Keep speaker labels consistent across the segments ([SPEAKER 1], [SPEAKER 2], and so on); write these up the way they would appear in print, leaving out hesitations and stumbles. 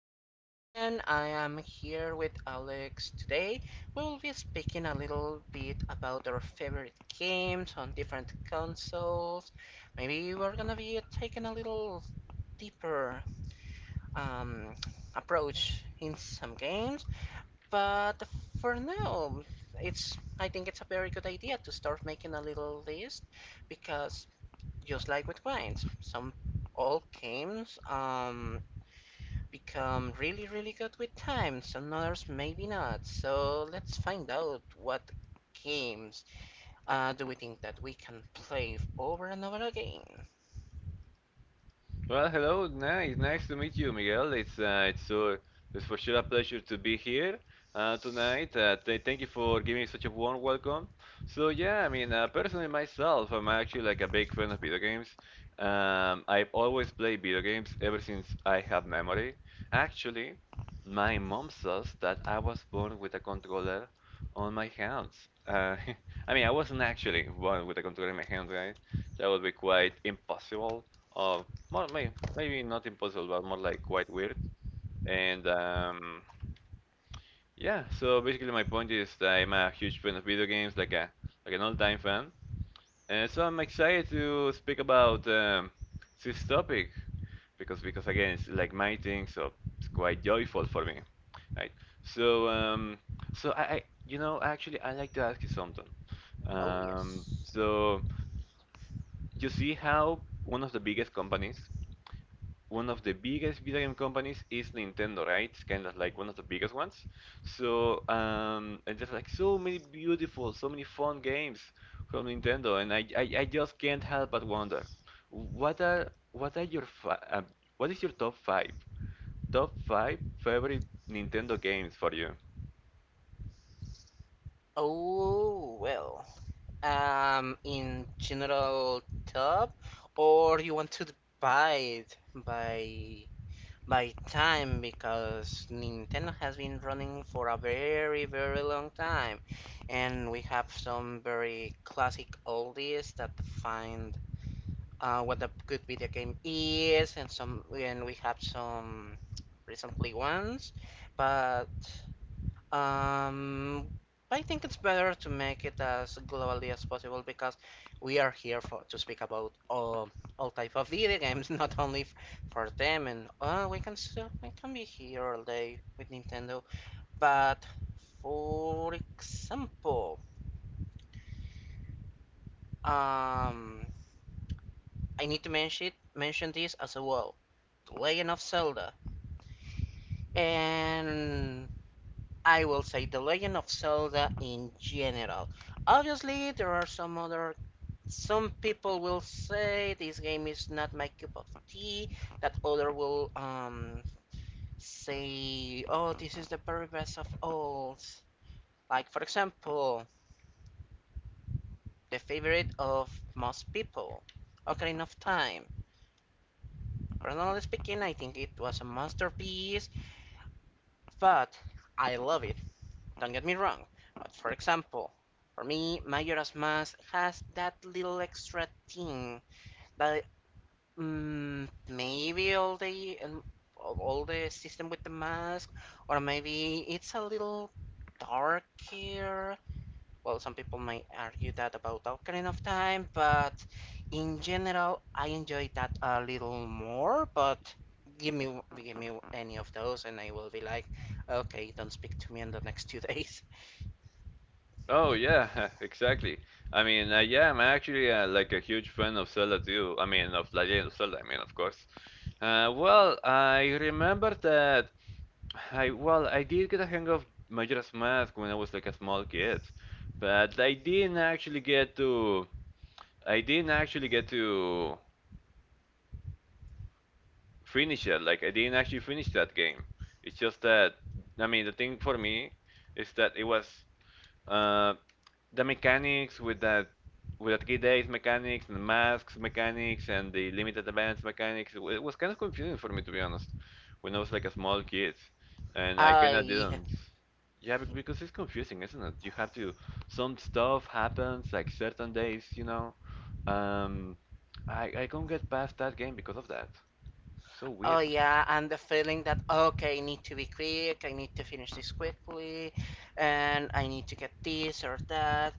[SPEAKER 1] Miguel, and I am here with Alex today. We will be speaking a little bit about our favorite games on different consoles. Maybe we're gonna be taking a little deeper um, approach in some games, but for now, it's I think it's a very good idea to start making a little list because just like with wines, some old games become really, really good with time. Some others maybe not. So let's find out what games do we think that we can play over and over again.
[SPEAKER 2] Well, hello, nice to meet you, Miguel. It's for sure a pleasure to be here tonight. Th thank you for giving me such a warm welcome. So yeah, I mean, personally myself, I'm actually like a big fan of video games. I've always played video games ever since I have memory. Actually, my mom says that I was born with a controller on my hands. Uh, I mean, I wasn't actually born with a controller in my hands, right? That would be quite impossible, more maybe not impossible but more like quite weird. And yeah, so basically my point is that I'm a huge fan of video games, like an all-time fan, and so I'm excited to speak about this topic because again, it's like my thing, so it's quite joyful for me, right? So um so i, I actually, I like to ask you something.
[SPEAKER 1] Oh
[SPEAKER 2] um
[SPEAKER 1] yes.
[SPEAKER 2] so you see how one of the biggest companies, one of the biggest video game companies is Nintendo, right? It's kind of like one of the biggest ones. So, and there's like so many beautiful, so many fun games from Nintendo, and I just can't help but wonder, what are what are your fi- um, what is your top five favorite Nintendo games for you?
[SPEAKER 1] Oh well. In general, top, or you want to divide by by time because Nintendo has been running for a very, very long time, and we have some very classic oldies that find what a good video game is, and we have some recently ones, but um, I think it's better to make it as globally as possible because we are here for to speak about all type of video games, not only for them. And we can still we can be here all day with Nintendo. But for example, um, I need to mention this as well. Legend of Zelda and I will say The Legend of Zelda in general. Obviously, there are some other. Some people will say this game is not my cup of tea. That other will say, oh, this is the very best of all. Like, for example, the favorite of most people, Ocarina of Time. Personally speaking, I think it was a masterpiece, but I love it. Don't get me wrong, but for example, for me, Majora's Mask has that little extra thing that maybe all the system with the mask, or maybe it's a little darker. Well, some people might argue that about Ocarina of Time, but in general, I enjoy that a little more. But give me any of those, and I will be like, okay, don't speak to me in the next two days.
[SPEAKER 2] Oh yeah, exactly. I mean, yeah, I'm actually like a huge fan of Zelda too. I mean, of Legend of Zelda. I mean, of course. Well, I remember that. I Well, I did get a hang of Majora's Mask when I was like a small kid, but I didn't actually get to finish it. Like, I didn't actually finish that game. It's just that, I mean, the thing for me is that it was, uh, the mechanics with the 3 days mechanics and the masks mechanics and the limited events mechanics. It was kind of confusing for me, to be honest, when I was like a small kid, and I
[SPEAKER 1] Oh
[SPEAKER 2] kind of
[SPEAKER 1] yeah.
[SPEAKER 2] didn't. Yeah, because it's confusing, isn't it? You have to. Some stuff happens like certain days, you know. Um, I can't get past that game because of that. So
[SPEAKER 1] Oh
[SPEAKER 2] weird.
[SPEAKER 1] yeah, and the feeling that okay, I need to be quick, I need to finish this quickly, and I need to get this or that.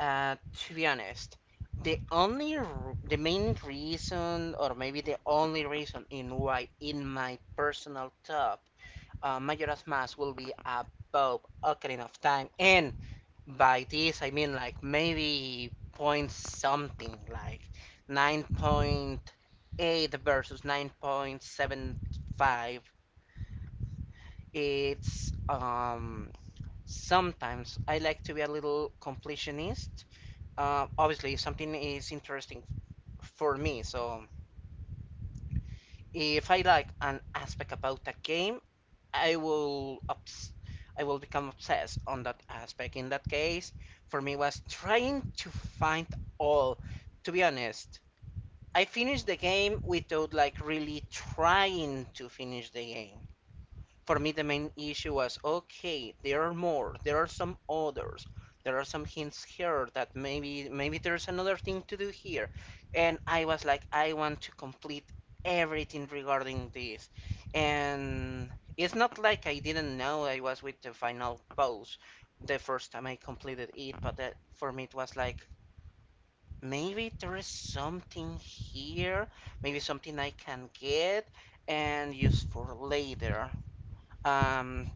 [SPEAKER 1] To be honest, the only the main reason, or maybe the only reason in why, in my personal top, Majora's Mask will be above Ocarina of Time, and by this I mean like maybe point something, like 9.8 versus 9.75. It's sometimes I like to be a little completionist. Obviously, something is interesting for me, so if I like an aspect about a game, I will I will become obsessed on that aspect. In that case, for me was trying to find all. To be honest, I finished the game without like really trying to finish the game. For me, the main issue was okay, there are more, there are some others, there are some hints here that maybe there's another thing to do here. And I was like, I want to complete everything regarding this. And it's not like I didn't know I was with the final boss the first time I completed it, but that, for me it was like maybe there is something here, maybe something I can get and use for later. Um,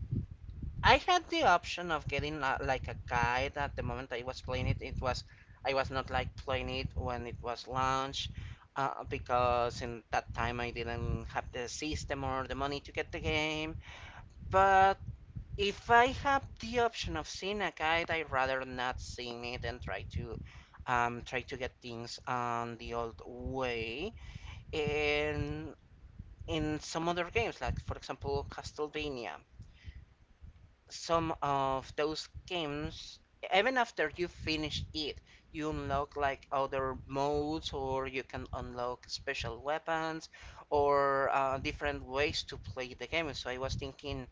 [SPEAKER 1] I had the option of getting like a guide at the moment I was playing it. It was I was not like playing it when it was launched because in that time I didn't have the system or the money to get the game. But if I have the option of seeing a guide, I'd rather not seeing it and try to try to get things on the old way. And in some other games, like for example Castlevania, some of those games, even after you finish it, you unlock like other modes, or you can unlock special weapons, or different ways to play the game. So I was thinking,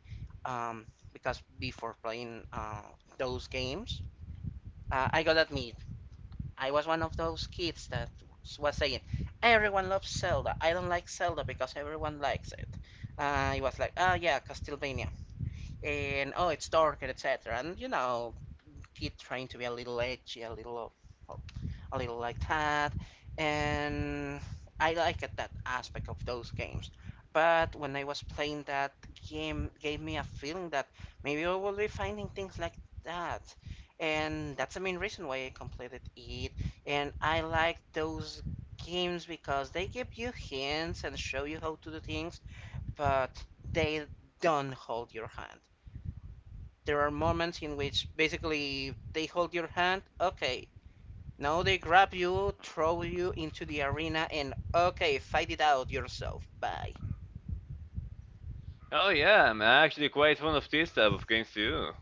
[SPEAKER 1] um, because before playing those games, I gotta admit, I was one of those kids that was saying, everyone loves Zelda. I don't like Zelda because everyone likes it. It was like, oh yeah, Castlevania and oh, it's dark and etc. And you know, keep trying to be a little edgy, a little like that, and I like it, that aspect of those games. But when I was playing that game, gave me a feeling that maybe I will be finding things like that, and that's the main reason why I completed it. And I like those games because they give you hints and show you how to do things, but they don't hold your hand there are moments in which basically they hold your hand. Okay, now they grab you, throw you into the arena, and okay, fight it out yourself. Bye.
[SPEAKER 2] Oh yeah, I'm actually quite fond of this type of games too.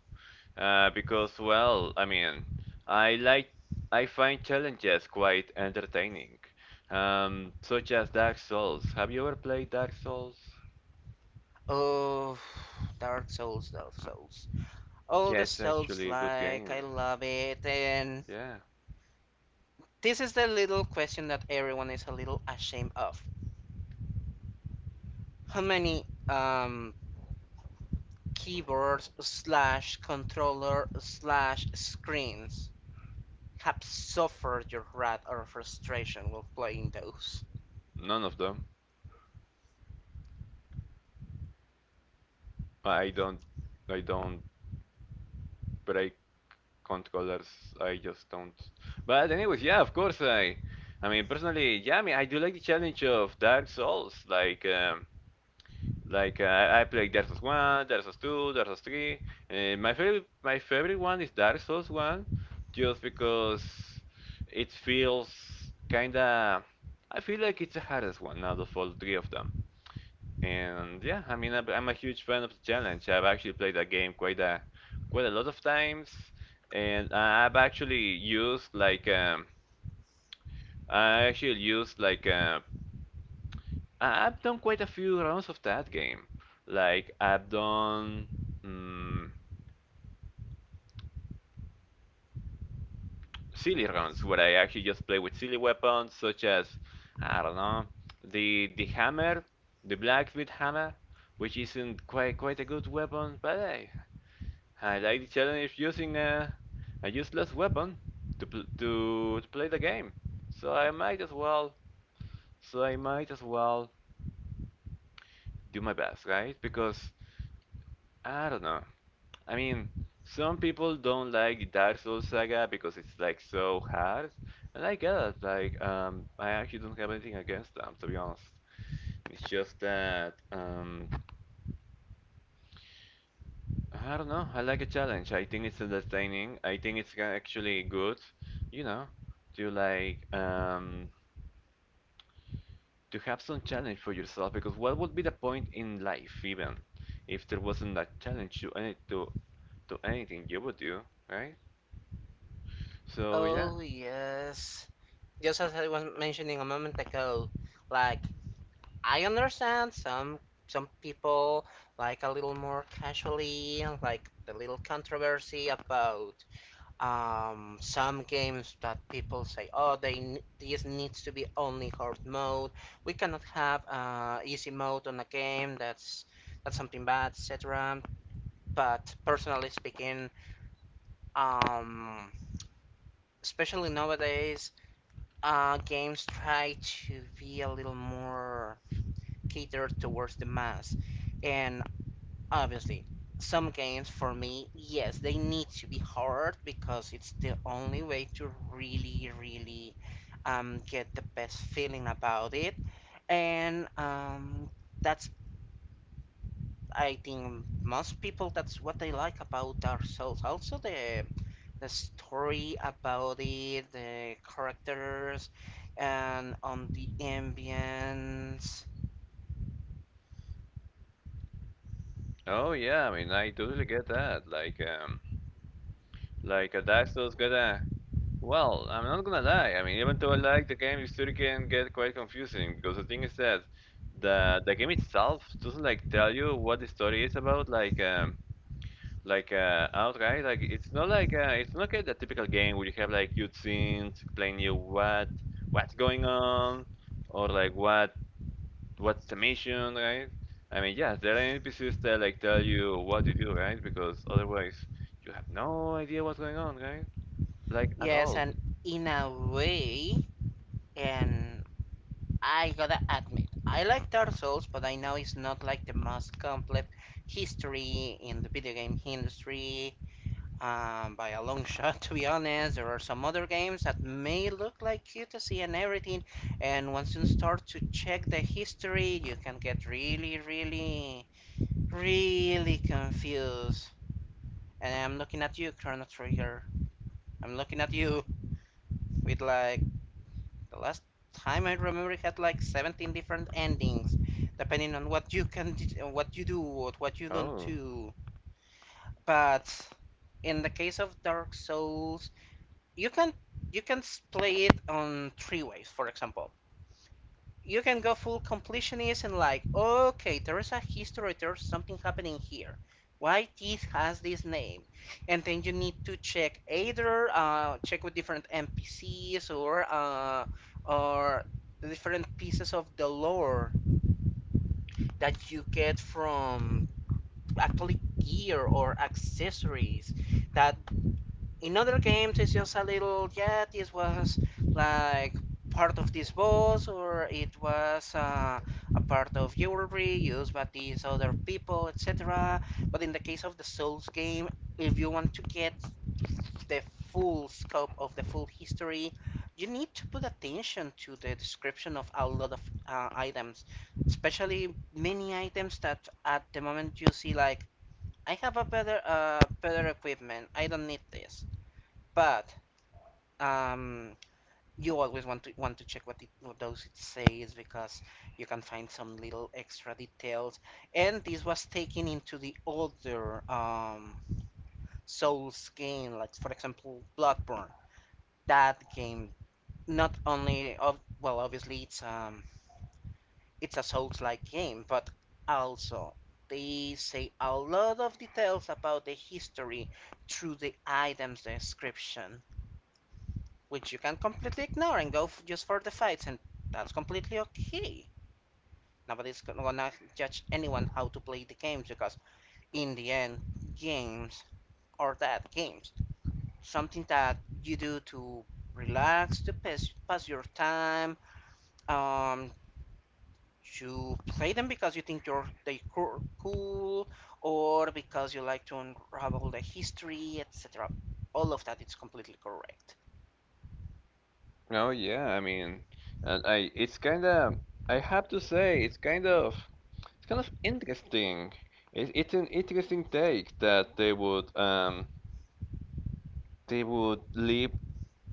[SPEAKER 2] Because, well, I mean, I like I find challenges quite entertaining. Such as Dark Souls. Have you ever played Dark Souls?
[SPEAKER 1] Oh, Dark Souls. All
[SPEAKER 2] Yeah,
[SPEAKER 1] the
[SPEAKER 2] it's
[SPEAKER 1] Souls
[SPEAKER 2] actually a good
[SPEAKER 1] like,
[SPEAKER 2] game.
[SPEAKER 1] I love it. And
[SPEAKER 2] Yeah.
[SPEAKER 1] this is the little question that everyone is a little ashamed of. How many keyboards slash controller slash screens have suffered your wrath or frustration while playing those.
[SPEAKER 2] None of them. I don't I don't break controllers. I just don't. But anyways, yeah, of course I mean, personally, yeah, I mean I do like the challenge of Dark Souls. I played Dark Souls One, Dark Souls Two, Dark Souls Three. My favorite one is Dark Souls One, just because it feels kinda. I feel like it's the hardest one out of all three of them. And yeah, I mean I'm a huge fan of the challenge. I've actually played that game quite a lot of times, and I actually used like have done quite a few rounds of that game. Like, I've done, mm, silly rounds where I actually just play with silly weapons such as, I don't know, the hammer, the blacksmith hammer, which isn't quite a good weapon, but hey, I like the challenge of using a useless weapon to, pl- to play the game. So I might as well, so I might as well do my best, right? Because I don't know. I mean, some people don't like Dark Souls Saga because it's like so hard, and I get it. Like, I actually don't have anything against them, to be honest. It's just that, I don't know. I like a challenge. I think it's entertaining. I think it's actually good, you know, to like, to have some challenge for yourself. Because what would be the point in life, even, if there wasn't that challenge to anything you would do, right? So yeah.
[SPEAKER 1] Oh, yes. Just as I was mentioning a moment ago, like, I understand some people like a little more casually, like the little controversy about some games that people say, oh, they this needs to be only hard mode. We cannot have easy mode on a game. That's something bad, etc. But personally speaking, um, especially nowadays, games try to be a little more catered towards the mass. And obviously, some games for me, yes, they need to be hard because it's the only way to really, really get the best feeling about it. And that's, I think, most people, that's what they like about Dark Souls. Also, the story about it, the characters, and on the ambience.
[SPEAKER 2] Oh yeah, I mean I totally get that. Like a Daxel's gonna, well, I'm not gonna lie. I mean, even though I like the game, it still can get quite confusing because the thing is that the game itself doesn't like tell you what the story is about, outright. Like, it's not like, a typical game where you have like cutscenes explaining you what what's going on, or like what's the mission, right? I mean, yes, there are NPCs that like tell you what to do, right? Because otherwise, you have no idea what's going on, right? Like, at
[SPEAKER 1] Yes,
[SPEAKER 2] all.
[SPEAKER 1] and in a way, and I gotta admit, I like Dark Souls, but I know it's not like the most complete history in the video game industry. By a long shot, to be honest, there are some other games that may look like cutesy and everything, and once you start to check the history, you can get really, really really confused. And I'm looking at you, Chrono Trigger. I'm looking at you with like the last time I remember it had like 17 different endings, depending on what you can, what you do, or what you don't
[SPEAKER 2] Oh,
[SPEAKER 1] do. But in the case of Dark Souls, you can you can play it on three ways. For example, you can go full completionist and like, okay, there is a history, there's something happening here. Why this has this name? And then you need to check either check with different NPCs or the different pieces of the lore that you get from actually gear or accessories that in other games it's just a little yeah this was like part of this boss or it was a part of jewelry used by these other people etc but in the case of the souls game if you want to get the full scope of the full history you need to put attention to the description of a lot of items especially many items that at the moment you see like I have a better better equipment I don't need this but um you always want to check what it what does it says because you can find some little extra details and this was taken into the other souls game like for example bloodborne that game not only of well obviously it's a souls like game but also they say a lot of details about the history through the items description which you can completely ignore and go just for the fights, and that's completely okay. Nobody's judge anyone how to play the games because, in the end, games are that games. Something that you do to relax, pass your time. Um, you play them because you think you're they cool, or because you like to unravel the history, etc. All of that is completely correct.
[SPEAKER 2] oh, yeah. I mean, and I it's kind of I have to say, it's kind of interesting. It's an interesting take that they would, leave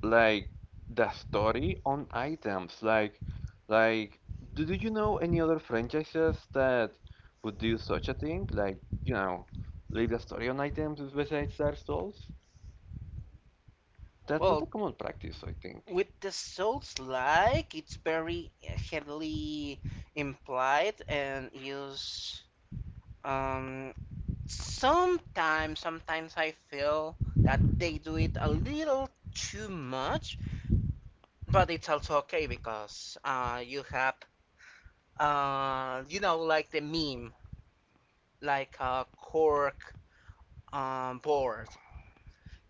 [SPEAKER 2] like the story on items, like, like do, you know any other franchises that would do such a thing, like, leave the story on items besides Dark Souls? That's not a
[SPEAKER 1] Well,
[SPEAKER 2] common practice, I think.
[SPEAKER 1] with the souls like it's very heavily implied and used um sometimes I feel that they do it a little too much but it's also okay because you have you know like the meme like a cork board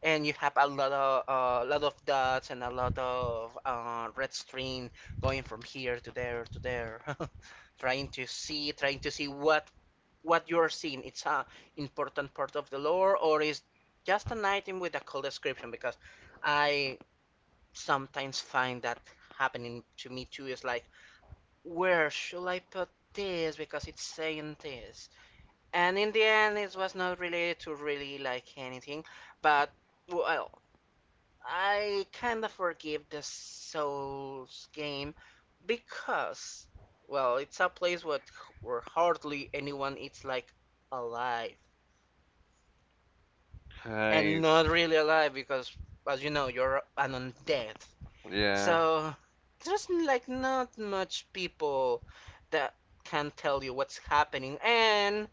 [SPEAKER 1] and you have a lot of dots and a lot of red string going from here to there, trying to see what you are seeing. It's a important part of the lore, or is just an item with a cool description? Because I sometimes find that happening to me too. Is like, where should I put this? Because it's saying this, and in the end, it was not related to really like anything, but well, I kind of forgive the Souls game because, well, it's a place what, where hardly anyone is like alive. And
[SPEAKER 2] Right.
[SPEAKER 1] not really alive because, as you know, you're an undead.
[SPEAKER 2] Yeah,
[SPEAKER 1] So there's like not much people that can tell you what's happening, and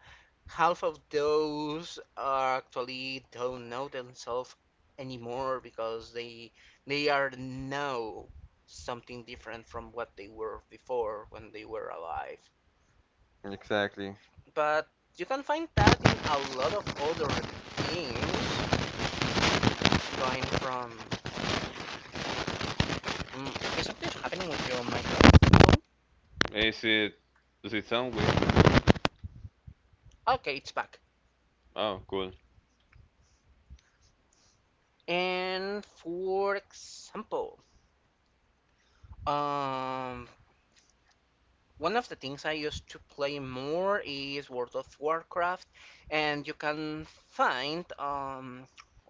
[SPEAKER 1] half of those are actually don't know themselves anymore because they are now something different from what they were before when they were alive.
[SPEAKER 2] exactly.
[SPEAKER 1] But you can find that in a lot of other games, going from is something happening with your microphone?
[SPEAKER 2] Is it, does it sound weird?
[SPEAKER 1] Okay, it's back.
[SPEAKER 2] Oh, cool.
[SPEAKER 1] And for example, um, one of the things I used to play more is World of Warcraft, and you can find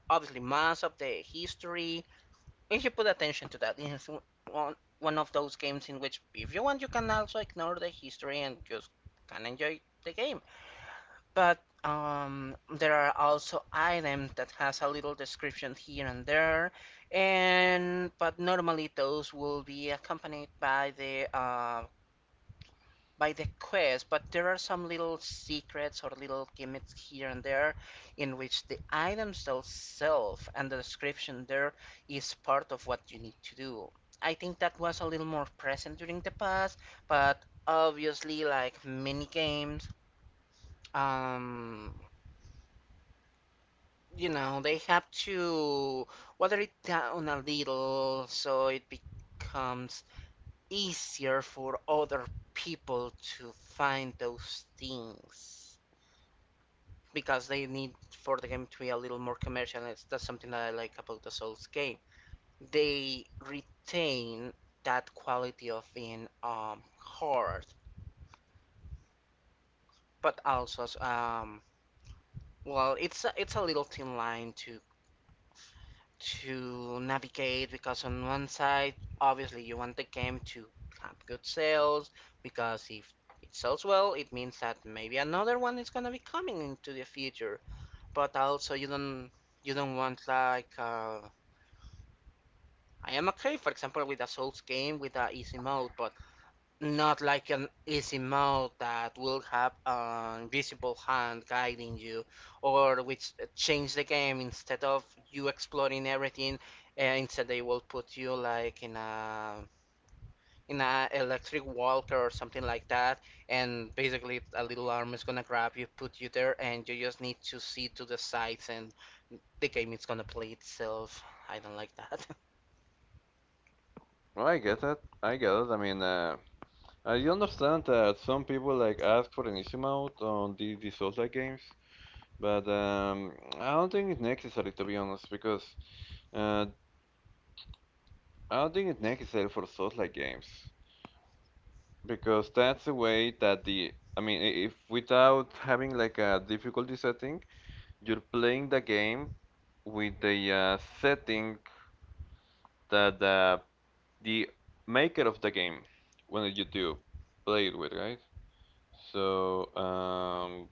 [SPEAKER 1] obviously much of the history if you put attention to that. It's one of those games in which, if you want, you can also ignore the history and just can enjoy the game. But there are also items that has a little description here and there, and but normally those will be accompanied by the quest. But there are some little secrets or little gimmicks here and there, in which the items themselves and the description there is part of what you need to do. I think that was a little more present during the past, but obviously, like mini games. Um, you know, they have to water it down a little so it becomes easier for other people to find those things because they need for the game to be a little more commercial. That's something that I like about the Souls game. They retain that quality of being hard, but also well, it's a little thin line to navigate because on one side obviously you want the game to have good sales because if it sells well it means that maybe another one is gonna be coming into the future, but also you don't want like I am okay for example with a Souls game with a easy mode, but not like an easy mode that will have an invisible hand guiding you, or which change the game instead of you exploring everything. Instead, they will put you like in a electric walker or something like that, and basically a little arm is gonna grab you, put you there, and you just need to see to the sides, and the game is gonna play itself. I don't like that.
[SPEAKER 2] Well, I get it, I mean, I understand that some people like ask for an easy mode on the Souls-like games. But I don't think it's necessary, to be honest, because uh, I don't think it's necessary for Souls-like games because that's the way that, the I mean, if without having like a difficulty setting, you're playing the game with the, setting that, the maker of the game wanted you to play it with, right? So um,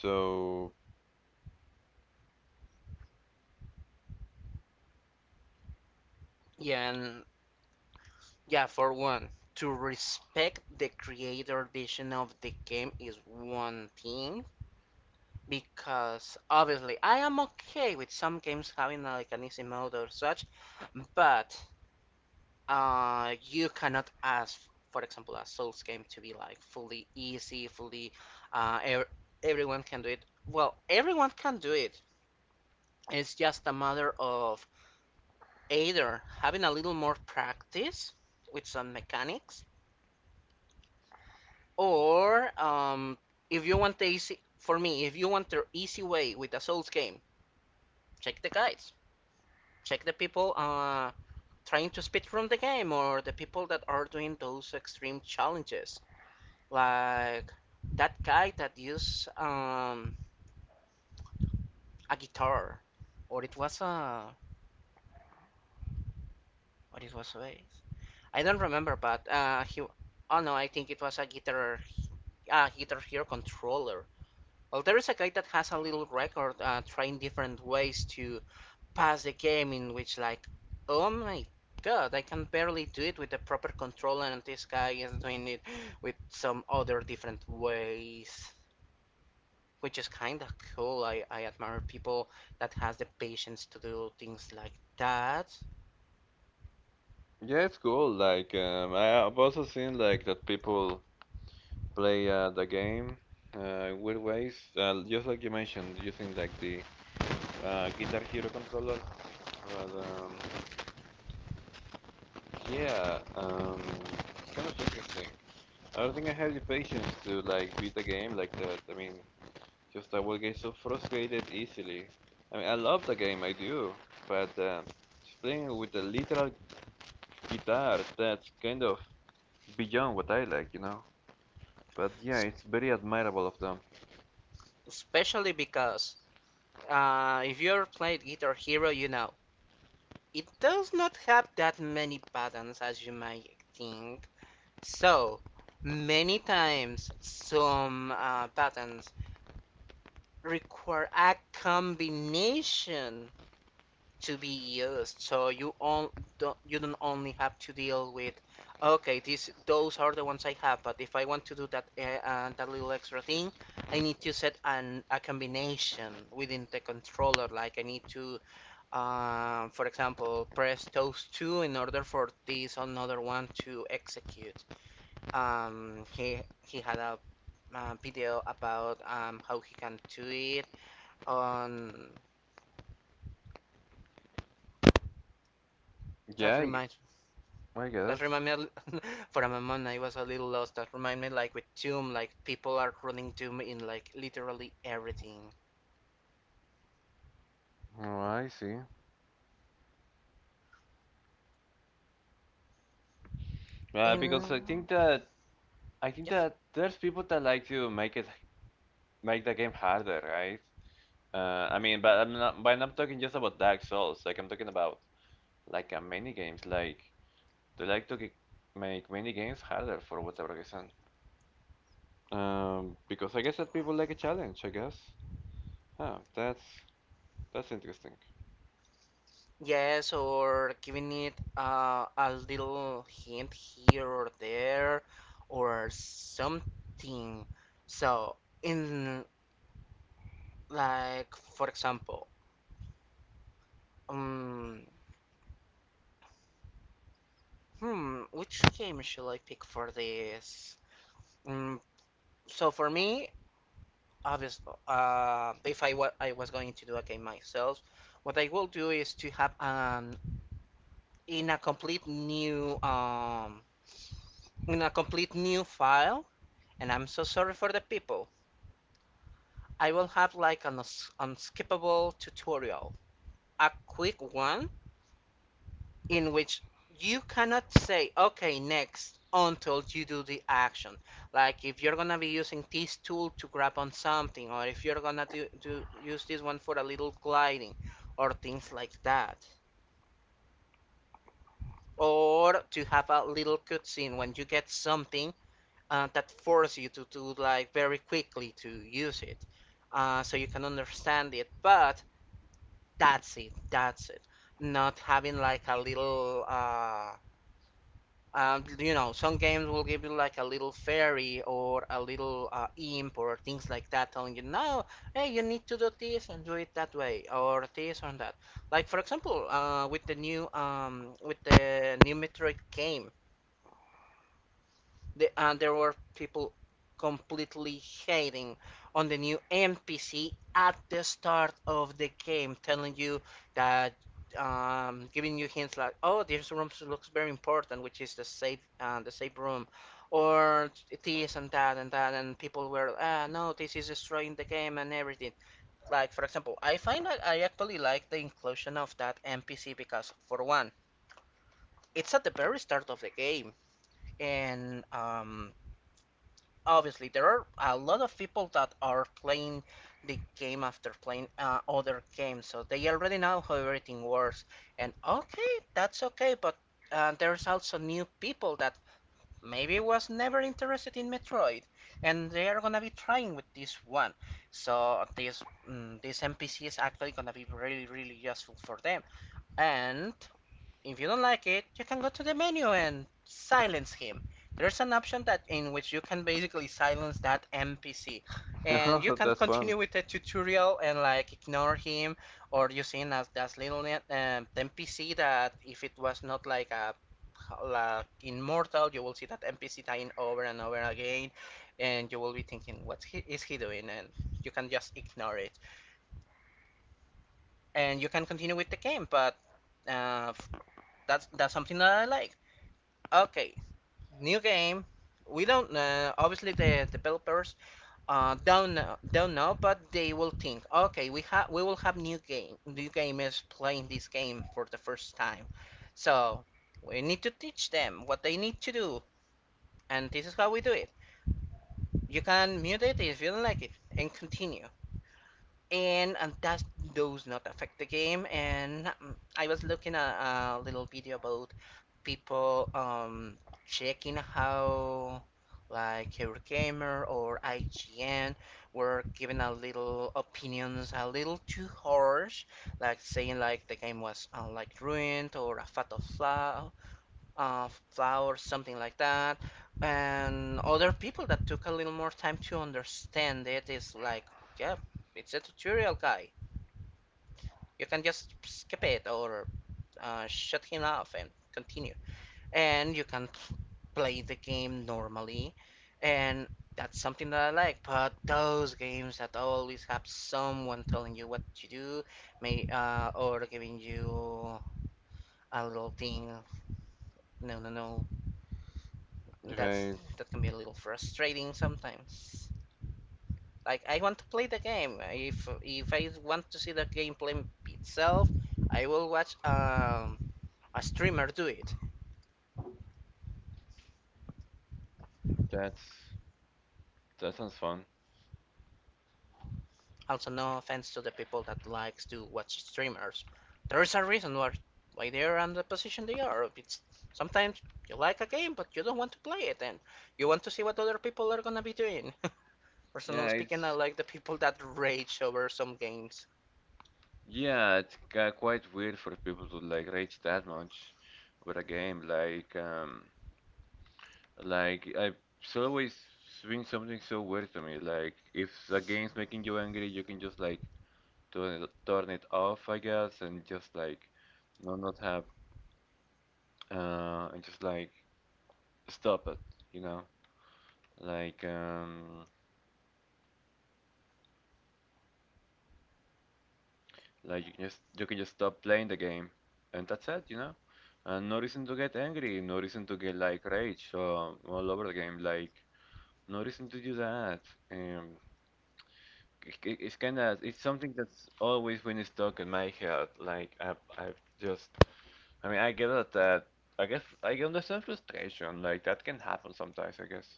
[SPEAKER 2] so
[SPEAKER 1] yeah, and Yeah, for one, to respect the creator vision of the game is one thing because obviously I am okay with some games having like an easy mode or such, but you cannot ask, for example, a Souls game to be like fully easy, fully ev everyone can do it. Well, everyone can do it. It's just a matter of either having a little more practice with some mechanics. Or If you want the easy for me, if you want the easy way with a Souls game, check the guides, check the people trying to speed from the game, or the people that are doing those extreme challenges, like that guy that used a guitar, or it was a, or it was a bass. I don't remember, but he. Oh no, I think it was a guitar, a Guitar Hero controller. Well, there is a guy that has a little record trying different ways to pass the game in which like, oh my god, I can barely do it with the proper controller, and this guy is doing it with some other different ways, which is kind of cool. I admire people that has the patience to do things like that,
[SPEAKER 2] yeah, it's cool. Like, I've also seen like that people play, the game, with ways, just like you mentioned, using like the Guitar Hero controller. But yeah, it's kind of interesting. I don't think I have the patience to like beat the game like that. I mean, just, I will get so frustrated easily. I mean, I love the game, I do, but just playing with a literal guitar, that's kind of beyond what I like, you know. But yeah, it's very admirable of them.
[SPEAKER 1] especially because if you're playing Guitar Hero, you know it does not have that many buttons as you might think. So many times some patterns require a combination to be used, so you don't only have to deal with, okay, these those are the ones I have, but if I want to do that that little extra thing, I need to set an a combination within the controller. Like I need to, for example, press those two in order for this another one to execute. um he he had a video about how he can do it on.
[SPEAKER 2] Yeah,
[SPEAKER 1] that
[SPEAKER 2] I,
[SPEAKER 1] reminds
[SPEAKER 2] I guess.
[SPEAKER 1] that remind me for a moment I was a little lost. That remind me like with Tomb, like people are running Tomb in like literally everything.
[SPEAKER 2] Oh, I see. Because
[SPEAKER 1] In
[SPEAKER 2] I think
[SPEAKER 1] yes,
[SPEAKER 2] that there's people that like to make it make the game harder, right? I mean, but I'm not. But I'm not talking just about Dark Souls. Like, I'm talking about, like, many games. Like, they like to make many games harder for whatever reason. Because I guess that people like a challenge. I guess. Huh. That's interesting.
[SPEAKER 1] yes, or giving it a little hint here or there, or something. So in Like, for example, um, which game shall I pick for this? Mm, so for me, obviously, if I, wa- I was going to do a game myself, what I will do is to have in a complete new um in a complete new file, and I'm so sorry for the people. I will have like an unskippable tutorial, a quick one in which you cannot say, okay, next, until you do the action. Like if you're gonna be using this tool to grab on something, or if you're gonna do use this one for a little gliding, or things like that. Or to have a little cutscene when you get something that forces you to do like very quickly to use it, so you can understand it. But that's it. Not having like a little you know, some games will give you like a little fairy or a little imp or things like that, telling you, no, hey, you need to do this and do it that way or this or that. Like, for example, with the new Metroid game, and there were people completely hating on the new NPC at the start of the game, telling you that, giving you hints like, oh, this room looks very important, which is the safe room, or this and that and that, and people were, ah, no, this is destroying the game and everything. Like, for example, I find that I actually like the inclusion of that NPC because, for one, it's at the very start of the game, and obviously there are a lot of people that are playing the game after playing other games, so they already know how everything works and okay, that's okay, but there's also new people that maybe was never interested in Metroid, and they are gonna be trying with this one. So this NPC is actually gonna be really really useful for them, and if you don't like it, you can go to the menu and silence him. There's an option that in which you can basically silence that NPC, and you can
[SPEAKER 2] That's fun.
[SPEAKER 1] continue with the tutorial and like ignore him, or using as that little net, NPC that if it was not like a like in Mortal, you will see that NPC dying over and over again, and you will be thinking, what he, is he doing? And you can just ignore it, and you can continue with the game. But uh, that's something that I like. Okay, new game. We don't know. Obviously, the developers don't know, but they will think. Okay, we will have new game. New game is playing this game for the first time, so we need to teach them what they need to do, and this is how we do it. You can mute it if you don't like it, and continue. And That does not affect the game. And I was looking at a little video about people checking how like Eurogamer or IGN were giving a little opinions a little too harsh, like saying like the game was like ruined or a fatal flaw flowers, something like that. And other people that took a little more time to understand it is like, yeah, it's a tutorial guy. You can just skip it or shut him off and continue. And you can play the game normally. And that's something that I like. But those games that always have someone telling you what to do, may or giving you a little thing. No, no, no. that's
[SPEAKER 2] Right?
[SPEAKER 1] that can be a little frustrating sometimes. Like, I want to play the game. If I want to see the gameplay itself, I will watch a streamer do it.
[SPEAKER 2] That's, that sounds fun.
[SPEAKER 1] Also, no offense to the people that likes to watch streamers. There is a reason why they are in the position they are. It's sometimes you like a game but you don't want to play it and you want to see what other people are gonna be doing. Personally
[SPEAKER 2] Yeah,
[SPEAKER 1] speaking, I
[SPEAKER 2] it's
[SPEAKER 1] like the people that rage over some games.
[SPEAKER 2] Yeah, it's, quite weird for people to like rage that much with a game. Like I it's always been something so weird to me. Like, if a game's making you angry, you can just like turn it off, I guess, and just like, no, not have, and just like stop it. You know, like, you can just stop playing the game, and that's it. You know, and no reason to get angry, no reason to get like rage, all over the game, like. No reason to do that. Um, it's kind of, it's something that's always been stuck in my head. Like, just, I mean, I get it that I guess I understand frustration. Like, that can happen sometimes, I guess.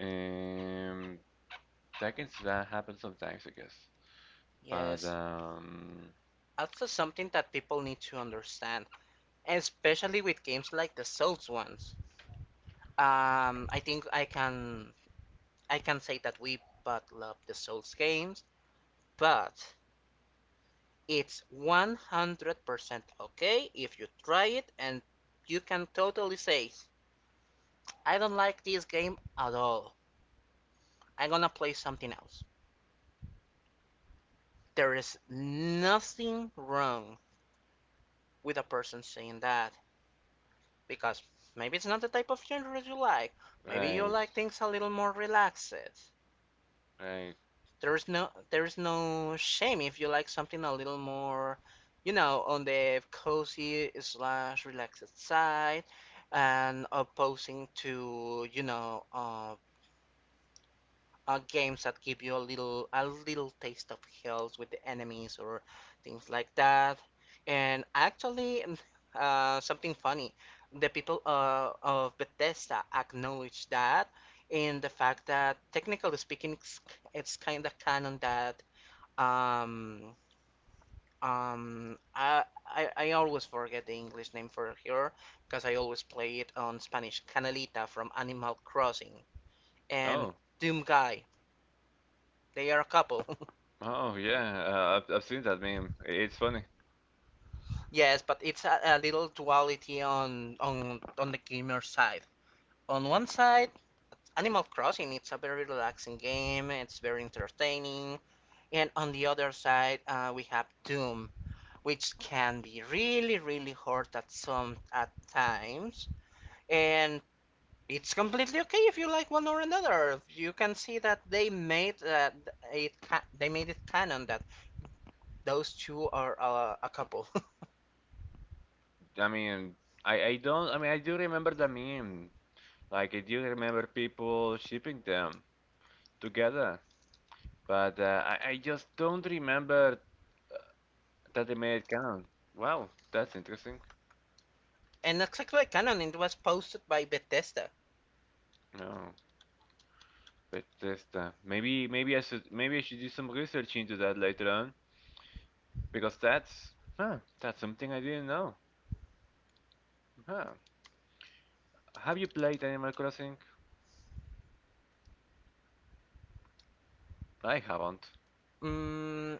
[SPEAKER 2] Um, that happen sometimes, I guess. But
[SPEAKER 1] Yes. Also, something that people need to understand, especially with games like the Souls ones. I think I can say that we both love the Souls games, but it's 100% okay if you try it and you can totally say, I don't like this game at all. I'm gonna play something else. There is nothing wrong with a person saying that, because maybe it's not the type of genre you like. Maybe you
[SPEAKER 2] right,
[SPEAKER 1] like things a little more relaxed.
[SPEAKER 2] right.
[SPEAKER 1] There's no shame if you like something a little more, you know, on the cozy slash relaxed side and opposing to, you know, games that give you a little taste of hills with the enemies or things like that. And actually, something funny, the people of Bethesda acknowledge that, in the fact that technically speaking, it's kind of canon that um I always forget the English name for her because I always play it on Spanish. Canalita from Animal Crossing and
[SPEAKER 2] Oh,
[SPEAKER 1] Doom Guy. They are a couple.
[SPEAKER 2] oh, yeah. I've seen that meme. It's funny.
[SPEAKER 1] Yes, but it's a little duality on on the gamer side. On one side, Animal Crossing it's a very relaxing game, it's very entertaining, and on the other side, we have Doom, which can be really really hard at some at times, and it's completely okay if you like one or another. You can see that they made they made it canon that those two are a couple.
[SPEAKER 2] I mean, I don't. I mean, I do remember the meme. Like, I do remember people shipping them together, but I just don't remember that they made it count. Wow, that's interesting.
[SPEAKER 1] And exactly canon, it was posted by Bethesda.
[SPEAKER 2] No, but just, maybe I should do some research into that later on, because that's, huh, that's something I didn't know. Huh. Have you played Animal Crossing? I haven't.
[SPEAKER 1] Mm,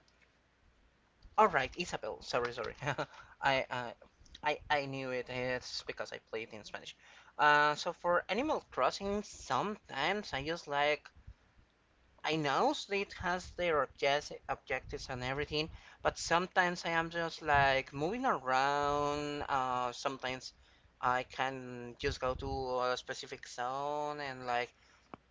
[SPEAKER 1] all right, Isabel. Sorry, sorry. I, I, I knew it. It's because I played in Spanish. So for Animal Crossing, sometimes I just like I know it has their objectives and everything, but sometimes I am just like moving around. Sometimes I can just go to a specific zone and like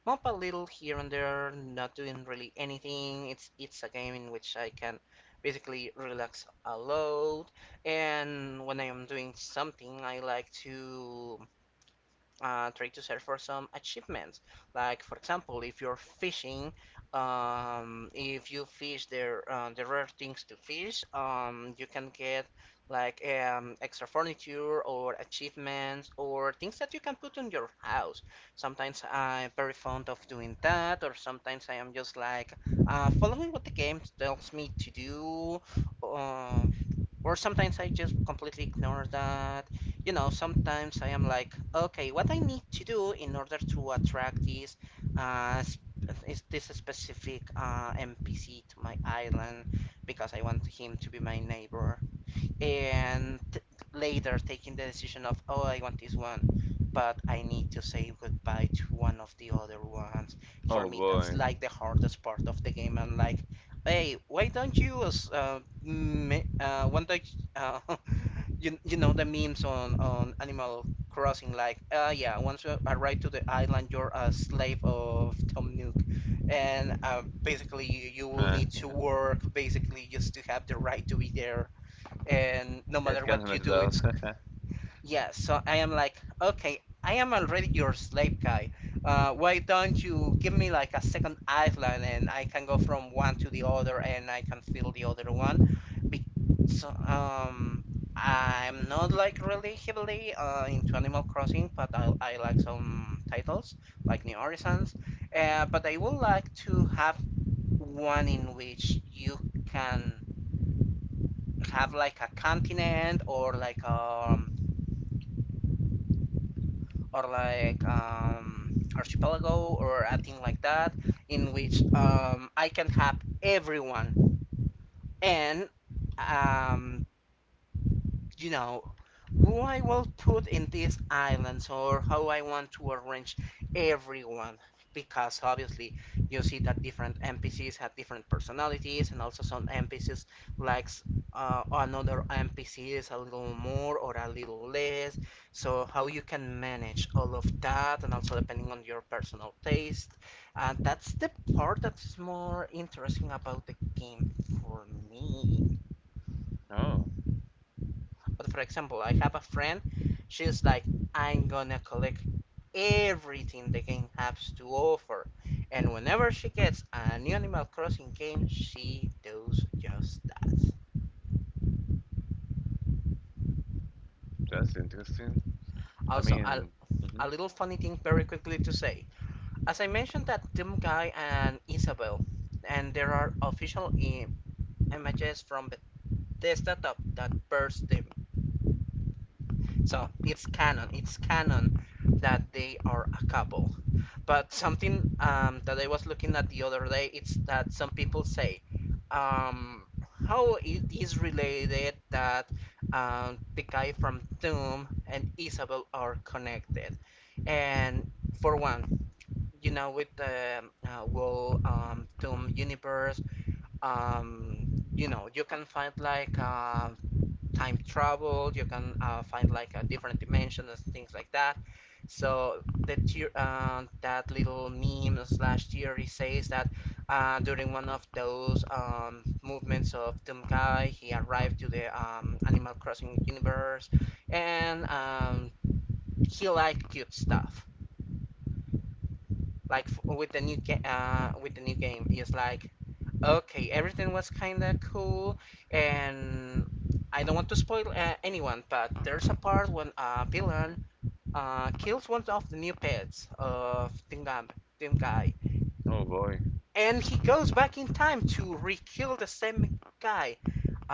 [SPEAKER 1] mop a little here and there, not doing really anything. It's a game in which I can basically relax a lot. And when I am doing something, I like to try to search for some achievements. Like for example, if you're fishing, if you fish the rare things to fish, you can get like extra furniture or achievements or things that you can put in your house. Sometimes I'm very fond of doing that, or sometimes I am just like following what the game tells me to do. Um, or sometimes I just completely ignore that. You know, sometimes I am like, okay, what I need to do in order to attract this, uh, is this specific NPC to my island because I want him to be my neighbor and later taking the decision of, oh, I want this one, but I need to say goodbye to one of the other ones. For
[SPEAKER 2] Oh
[SPEAKER 1] me that's
[SPEAKER 2] boy.
[SPEAKER 1] like the hardest part of the game. And like, hey, why don't you one day, uh, you know the memes on Animal Crossing, like yeah, once you arrive to the island you're a slave of Tom Nook, and basically you will need to work basically just to have the right to be there, and no
[SPEAKER 2] It's
[SPEAKER 1] matter
[SPEAKER 2] kind of
[SPEAKER 1] what you
[SPEAKER 2] messed
[SPEAKER 1] do it's,
[SPEAKER 2] up.
[SPEAKER 1] yeah. So I am like, okay, I am already your slave guy. Why don't you give me like a second island, and I can go from one to the other and I can fill the other one. Be- so, um I'm not like really heavily into Animal Crossing, but I like some titles like New Horizons. Uh, but I would like to have one in which you can have like a continent, or like um, archipelago or a thing like that, in which I can have everyone, and um, you know, who I will put in these islands, or how I want to arrange everyone. Because obviously you see that different NPCs have different personalities, and also some NPCs likes another NPCs a little more or a little less. So how you can manage all of that, and also depending on your personal taste, and that's the part that is more interesting about the game for me.
[SPEAKER 2] Oh,
[SPEAKER 1] But for example, I have a friend, she's like, I'm gonna collect everything the game has to offer. And whenever she gets a new Animal Crossing game, she does just that.
[SPEAKER 2] that's interesting. I
[SPEAKER 1] Also,
[SPEAKER 2] mean, hmm.
[SPEAKER 1] a little funny thing very quickly to say. As I mentioned, that Doom Guy and Isabel, and there are official images from Bethesda that burst them. So it's canon. It's canon that they are a couple. But something that I was looking at the other day, it's that some people say, um, how it is related that the guy from Doom and Isabel are connected. And for one, you know, with the whole Doom universe, you know, you can find like time travel. You can find like a different dimension and things like that. So the tier, that little meme slash theory says that during one of those movements of Doomguy, he arrived to the Animal Crossing universe, and he liked cute stuff. Like with the new game, it's like, okay, everything was kind of cool, and I don't want to spoil anyone, but there's a part when a villain kills one of the new pets of Team Guy,
[SPEAKER 2] Oh boy,
[SPEAKER 1] and he goes back in time to re-kill the same guy,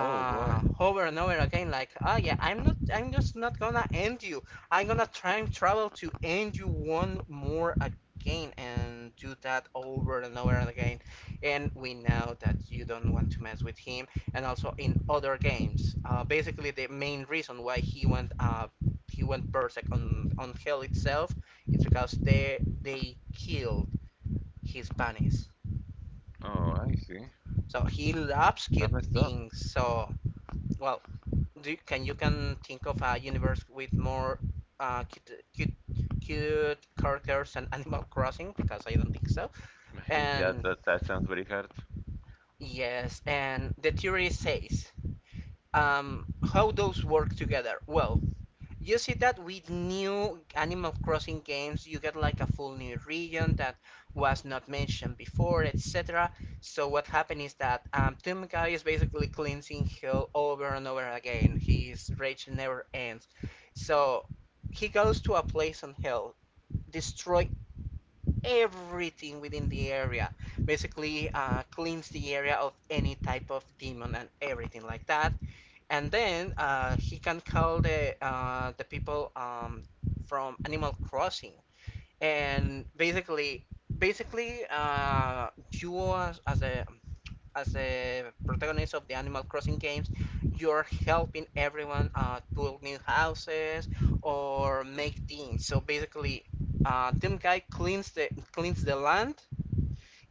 [SPEAKER 2] oh boy.
[SPEAKER 1] over and over again, like, oh yeah, I'm just not gonna end you. I'm gonna time travel to end you one more again, and do that over and over and again. And we know that you don't want to mess with him. And also in other games, basically the main reason why he went berserk on Hell itself, is because they killed his bunnies.
[SPEAKER 2] Oh, I see.
[SPEAKER 1] So he loves
[SPEAKER 2] That
[SPEAKER 1] cute
[SPEAKER 2] messed up.
[SPEAKER 1] things. So well, can you can think of a universe with more uh, cute, cute cute characters and Animal Crossing, because I don't think so.
[SPEAKER 2] Yeah,
[SPEAKER 1] And
[SPEAKER 2] that that sounds very hard.
[SPEAKER 1] yes, and the theory says um, how those work together. Well, you see that with new Animal Crossing games, you get like a full new region that was not mentioned before, etc. So what happened is that Tumikai is basically cleansing hell over and over again. His rage never ends. So he goes to a place on hell, destroy everything within the area, basically cleans the area of any type of demon and everything like that, and then he can call the people from Animal Crossing, and basically, you as a protagonist of the Animal Crossing games, you're helping everyone build new houses or make things. So basically, Team Guy cleans the land,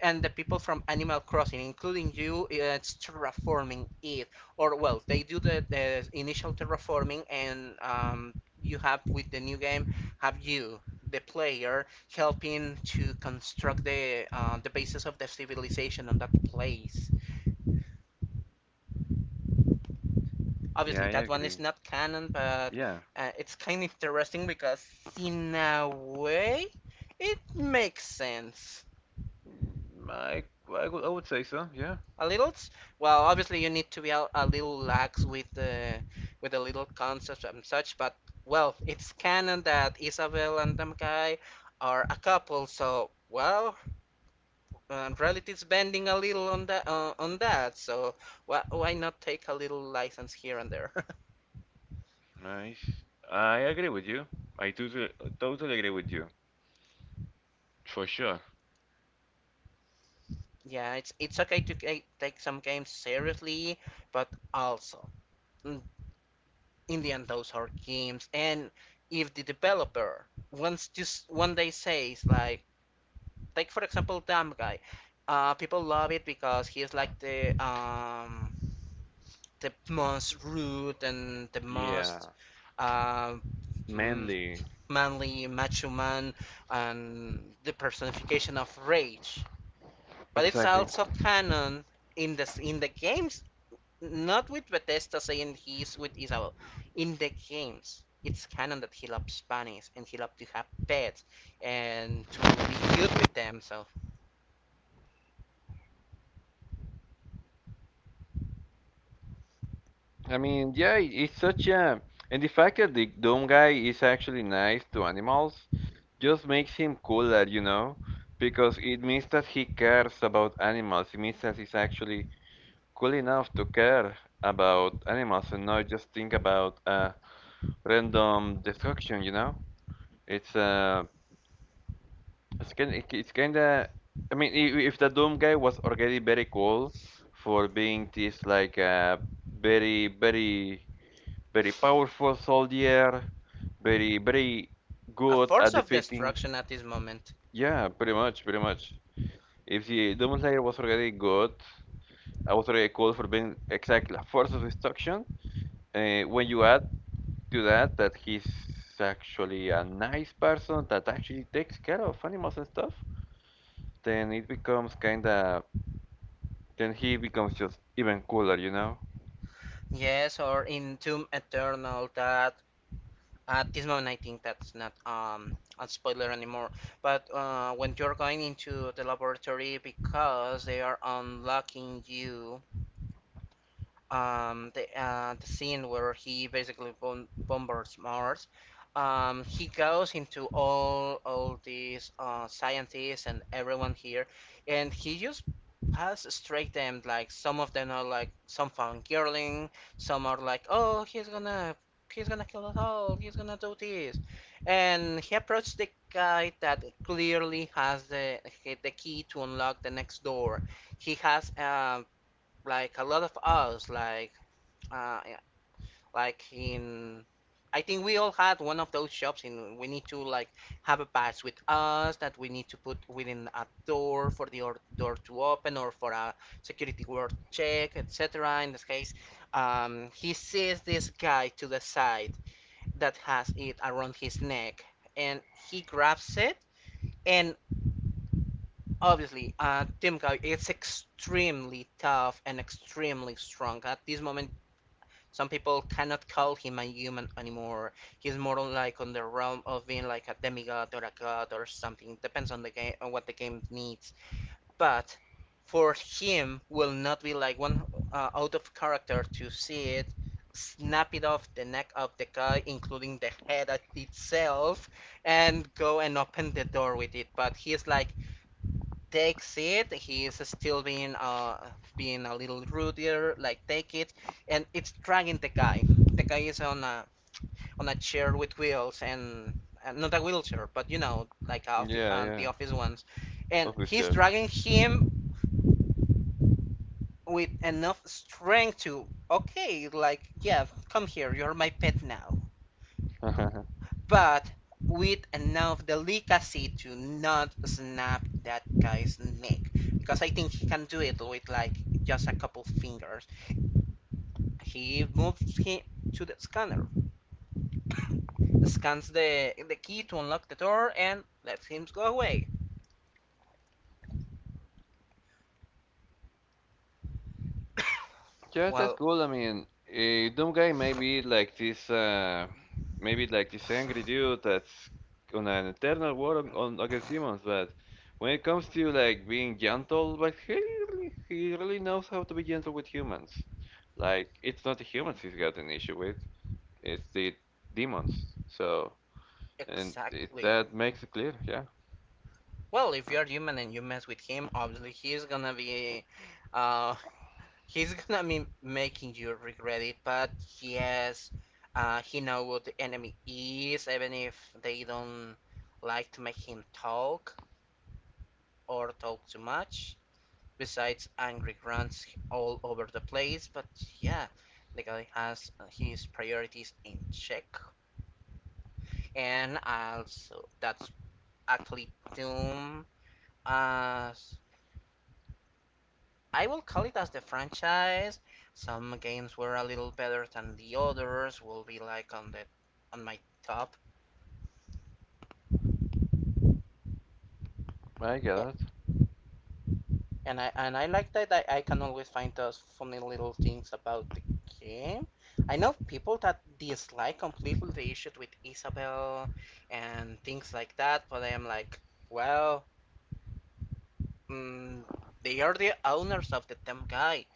[SPEAKER 1] and the people from Animal Crossing, including you, it's terraforming it. Or well, they do the initial terraforming, and you have with the new game have you, the player, helping to construct the basis of the civilization on that place.
[SPEAKER 2] Yeah,
[SPEAKER 1] Obviously,
[SPEAKER 2] I
[SPEAKER 1] that one
[SPEAKER 2] agree.
[SPEAKER 1] is not canon, but
[SPEAKER 2] Yeah.
[SPEAKER 1] it's kind of interesting because, in a way, it makes sense.
[SPEAKER 2] Mm, I, I would, I would say so. Yeah,
[SPEAKER 1] A little? s- Well, obviously you need to be a little lax with the little concepts and such, but well, it's canon that Isabel and Damkai are a couple, so well, reality's bending a little on that so why not take a little license here and there?
[SPEAKER 2] nice. I agree with you. I totally agree with you, for sure.
[SPEAKER 1] Yeah, it's okay to take some games seriously, but also mm, in the end those are games, and if the developer wants to one day says like, take for example, Dumb Guy. People love it because he is like the most rude and the
[SPEAKER 2] Yeah,
[SPEAKER 1] most uh,
[SPEAKER 2] manly.
[SPEAKER 1] manly macho man and the personification of rage. But it's
[SPEAKER 2] Exactly.
[SPEAKER 1] also canon in the games, not with Bethesda saying he's with Isabel. In the games, it's canon that he loves bunnies and he loves to have pets and to be cute with them. So,
[SPEAKER 2] I mean, yeah, it's such a, and the fact that the dome guy is actually nice to animals just makes him cooler, you know, because it means that he cares about animals. It means that he's actually cool enough to care about animals and not just think about random destruction, you know? It's uh, it's kind it's kinda. I mean, if the Doom guy was already very cool for being this like very very very powerful soldier, very very
[SPEAKER 1] a
[SPEAKER 2] good
[SPEAKER 1] force
[SPEAKER 2] at
[SPEAKER 1] of
[SPEAKER 2] defeating.
[SPEAKER 1] destruction at this moment.
[SPEAKER 2] Yeah, pretty much, pretty much. If the Doom Slayer was already good, I was already cool for being exactly a force of destruction. When you add to that he's actually a nice person that actually takes care of animals and stuff, then it becomes kinda then he becomes just even cooler, you know?
[SPEAKER 1] Yes, or in Tomb Eternal, that at this moment I think that's not um, a spoiler anymore. But when you're going into the laboratory because they are unlocking you the scene where he basically bombards Mars. He goes into all these scientists and everyone here, and he just pass straight them. Like some of them are like some fangirling, some are like, oh, he's gonna kill us all, he's gonna do this, and he approached the guy that clearly has the key to unlock the next door. He has like a lot of us, like yeah, like in I think we all had one of those shops and we need to like have a pass with us that we need to put within a door for the door to open or for a security guard check, etc. In this case, he sees this guy to the side that has it around his neck and he grabs it, and obviously Tim Guy is extremely tough and extremely strong. At this moment some people cannot call him a human anymore. He's more like on the realm of being like a demigod or a god or something. Depends on the game on what the game needs. But for him will not be like one out of character to see it snap it off the neck of the guy including the head itself and go and open the door with it, but he's like takes it. He's still being being a little ruder, like take it, and it's dragging the guy. The guy is on a chair with wheels and not a wheelchair, but you know, like
[SPEAKER 2] Yeah,
[SPEAKER 1] the
[SPEAKER 2] yeah.
[SPEAKER 1] office ones, and he's
[SPEAKER 2] Officer.
[SPEAKER 1] dragging him with enough strength to, okay, like, yeah, come here, you're my pet now. But with enough delicacy to not snap that guy's neck, because I think he can do it with like just a couple fingers. He moves him to the scanner, scans the key to unlock the door, and lets him go away.
[SPEAKER 2] Yeah, that's
[SPEAKER 1] Well,
[SPEAKER 2] cool. I mean, Doom guy maybe like this angry dude that's on an eternal war on against demons. But when it comes to like being gentle, but he really knows how to be gentle with humans. Like it's not the humans he's got an issue with; it's the demons. So, and it,
[SPEAKER 1] exactly.
[SPEAKER 2] that makes it clear. Yeah,
[SPEAKER 1] Well, if you're human and you mess with him, obviously he's gonna be, uh, he's gonna be making you regret it, but yes, he knows what the enemy is, even if they don't like to make him talk or talk too much. Besides, angry grunts all over the place, but yeah, the guy has his priorities in check, and also that's actually Doom, as I will call it, as the franchise. Some games were a little better than the others. Will be like on the on my top.
[SPEAKER 2] I
[SPEAKER 1] A-
[SPEAKER 2] get it.
[SPEAKER 1] and I like that. I can always find those funny little things about the game. I know people that dislike completely the issue with Isabel and things like that, but I am like, well, mm, they are the owners of the damn guy.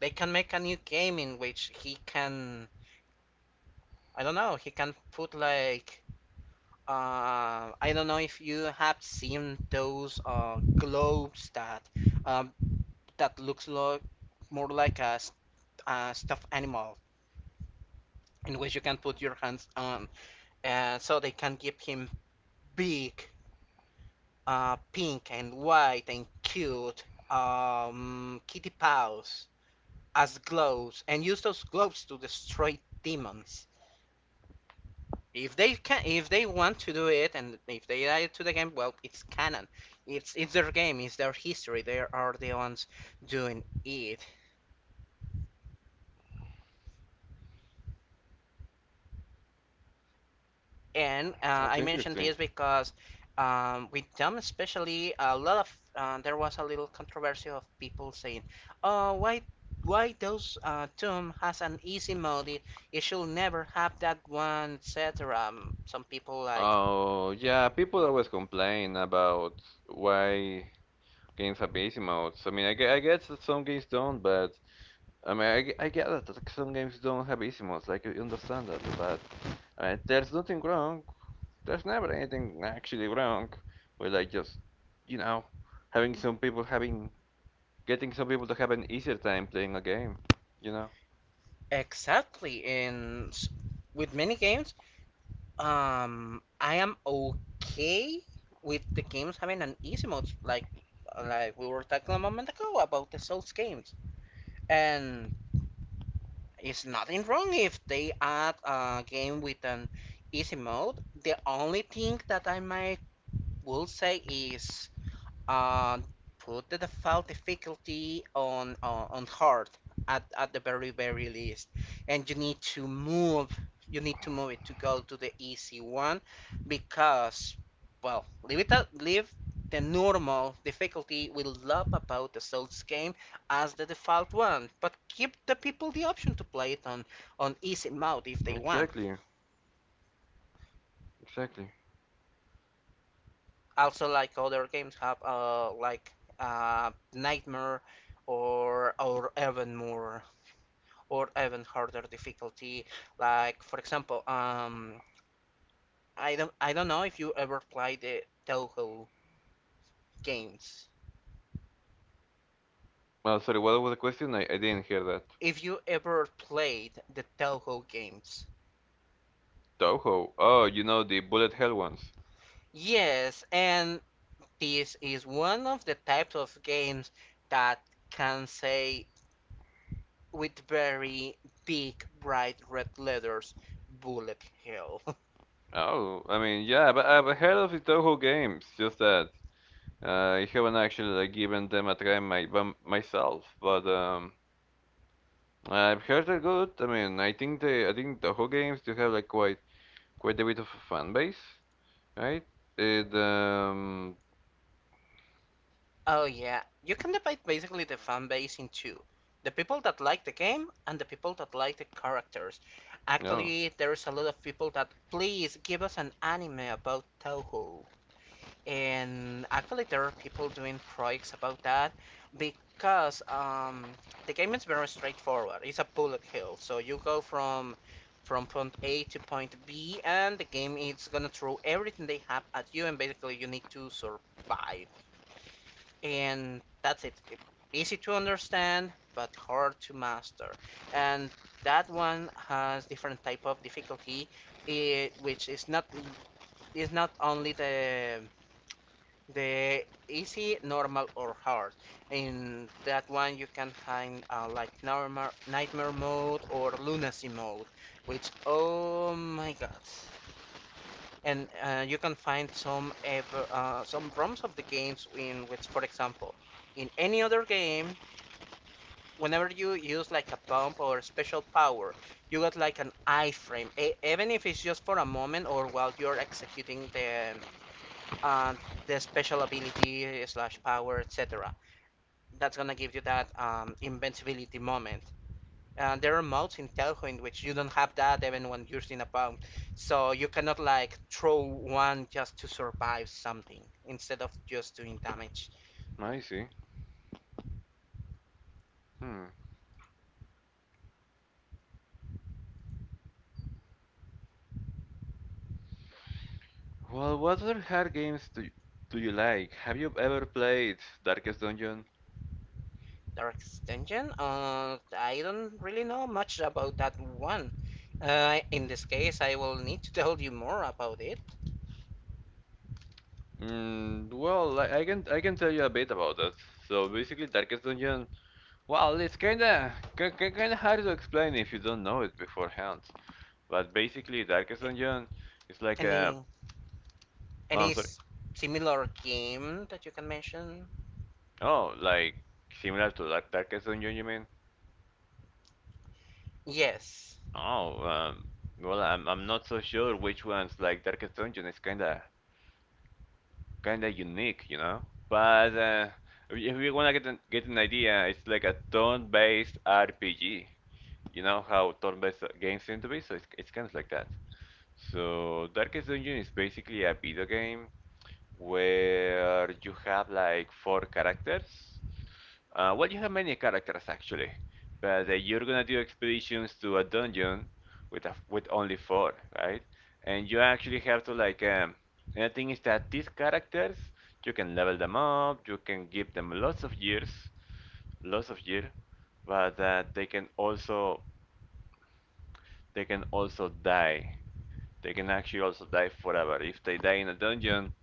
[SPEAKER 1] They can make a new game in which he can, I don't know, he can put like I don't know if you have seen those globes that um, that looks lo more like a, st a stuffed animal in which you can put your hands on, so they can give him big, pink and white and cute kitty paws as gloves, and use those gloves to destroy demons. If they can, if they want to do it, and if they add it to the game, well, it's canon. It's their game, it's their history. They are the ones doing it. And
[SPEAKER 2] That's
[SPEAKER 1] I mentioned
[SPEAKER 2] interesting.
[SPEAKER 1] this because with them, especially, a lot of there was a little controversy of people saying, "Oh, why those Doom has an easy mode? It should never have that one, etc." Some people like
[SPEAKER 2] Oh, yeah, people always complain about why. Games have easy modes. I mean, I guess that some games don't, but I mean, I get that some games don't have easy modes. Like, I understand that, but I mean, there's nothing wrong. There's never anything actually wrong with like just you know having some people having getting some people to have an easier time playing a game. You know.
[SPEAKER 1] exactly in with many games. I am okay with the games having an easy mode, like we were talking a moment ago about the Souls games. And it's nothing wrong if they add a game with an easy mode. The only thing that I might will say is, and put the default difficulty on hard, at the very least, and you need to move it to go to the easy one, because well leave it at, leave the normal difficulty will love about the Souls game as the default one, but give the people the option to play it on easy mode if they want.
[SPEAKER 2] Exactly. Exactly.
[SPEAKER 1] Also like other games have like nightmare or even more or even harder difficulty, like for example I don't know if you ever played the Toho games.
[SPEAKER 2] Well, sorry. What was the question? I didn't hear that.
[SPEAKER 1] If you ever played the Toho games,
[SPEAKER 2] Toho. Oh, you know the bullet hell ones.
[SPEAKER 1] yes. And this is one of the types of games that can say with very big bright red letters: bullet hell.
[SPEAKER 2] Oh, I mean, yeah, but I've heard of the Toho games. Just that I haven't actually like given them a try myself, but I've heard they're good. I mean, I think the whole games do have like quite quite a bit of a fan base, right? It
[SPEAKER 1] Oh yeah, you can divide basically the fan base in two. The people that like the game and the people that like the characters.
[SPEAKER 2] no,
[SPEAKER 1] Actually, there's a lot of people that please give us an anime about Toho. And actually, there are people doing projects about that, because the game is very straightforward. It's a bullet hell, so you go from point A to point B, and the game is gonna throw everything they have at you, and basically you need to survive, and that's it. Easy to understand, but hard to master. And that one has different type of difficulty, which is not only the easy, normal, or hard. In that one, you can find like normal, nightmare mode or lunacy mode, which oh my god, and you can find some ROMs of the games in which, for example, in any other game, whenever you use like a pump or a special power, you got like an iframe, even if it's just for a moment or while you're executing uh, the special ability slash power, etc. That's gonna give you that invincibility moment. There are modes in Telco in which you don't have that even when you're in a bomb. So you cannot like throw one just to survive something instead of just doing damage.
[SPEAKER 2] oh, I see. Hmm. Well, what other hard games do you like? Have you ever played Darkest Dungeon?
[SPEAKER 1] Dark Dungeon? I don't really know much about that one. In this case, I will need to tell you more about it.
[SPEAKER 2] Well, I can tell you a bit about that. So basically, Darkest Dungeon. Well, it's kinda hard to explain if you don't know it beforehand. But basically, Darkest Dungeon is like a.
[SPEAKER 1] Any
[SPEAKER 2] Oh, I'm
[SPEAKER 1] any
[SPEAKER 2] sorry.
[SPEAKER 1] similar game that you can mention?
[SPEAKER 2] Oh, like similar to Darkest Dungeon, you mean?
[SPEAKER 1] Yes.
[SPEAKER 2] Oh, well, I'm not so sure which ones. Like Darkest Dungeon is kinda unique, you know. But if you wanna get an idea, it's like a turn-based RPG. You know how turn-based games seem to be, so it's kind of like that. So Darkest Dungeon is basically a video game where you have like four characters. Well, you have many characters actually, but you're gonna do expeditions to a dungeon with only four, right? And you actually have to like. And the thing is that these characters, you can level them up, you can give them lots of years, but they can also die. They can actually also die forever. If they die in a dungeon,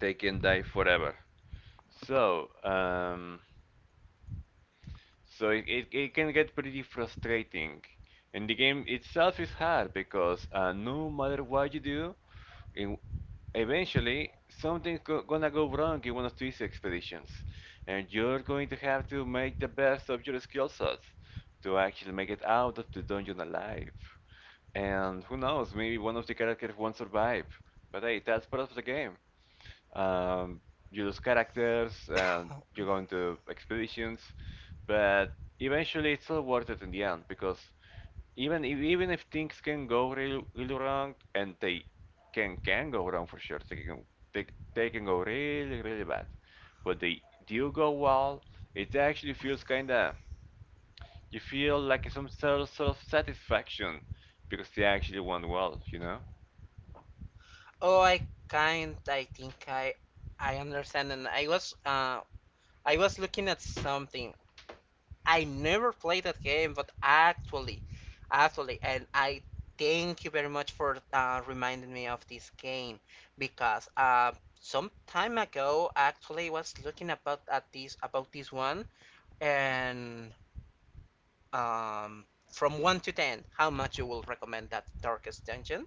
[SPEAKER 2] they can die forever. So, so it can get pretty frustrating. And the game itself is hard because no matter what you do, in, eventually something's gonna go wrong in one of these expeditions. And you're going to have to make the best of your skill sets to actually make it out of the dungeon alive. And who knows, maybe one of the characters won't survive. But hey, that's part of the game, um, you lose characters and you go into expeditions, but eventually it's all worth it in the end because even if things can go really, really wrong and they can go wrong for sure, they, they can go really really bad. But they do go well. It actually feels kinda you feel like some sort of satisfaction because they actually went well, you know.
[SPEAKER 1] Oh, I kind. I think I understand, and I was looking at something. I never played that game, but actually, and I thank you very much for reminding me of this game, because some time ago, actually, I was looking about this one, and um, from one to ten, how much you will recommend that Darkest Dungeon?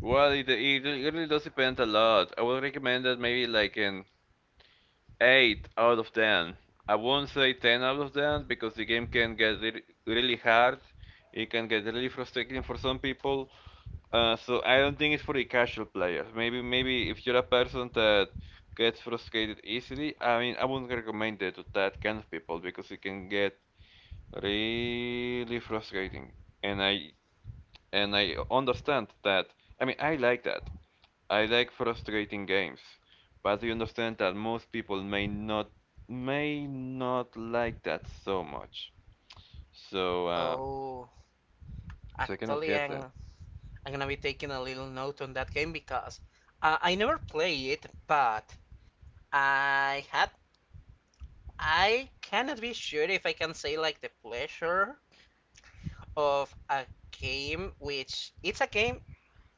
[SPEAKER 2] Well, it really does depend a lot. I would recommend that maybe like in 8 out of 10. I won't say 10 out of 10 because the game can get really hard. It can get really frustrating for some people. So I don't think it's for the casual players. Maybe maybe if you're a person that gets frustrated easily, I mean I wouldn't recommend it to that kind of people because it can get really frustrating. And I and I understand that. I mean I like that. I like frustrating games, but you understand that most people may not like that so much. So,
[SPEAKER 1] Oh,
[SPEAKER 2] so I kind of
[SPEAKER 1] actually,
[SPEAKER 2] get that.
[SPEAKER 1] I'm gonna be taking a little note on that game, because I never play it, but I had I cannot be sure if I can say like the pleasure of a game, which it's a game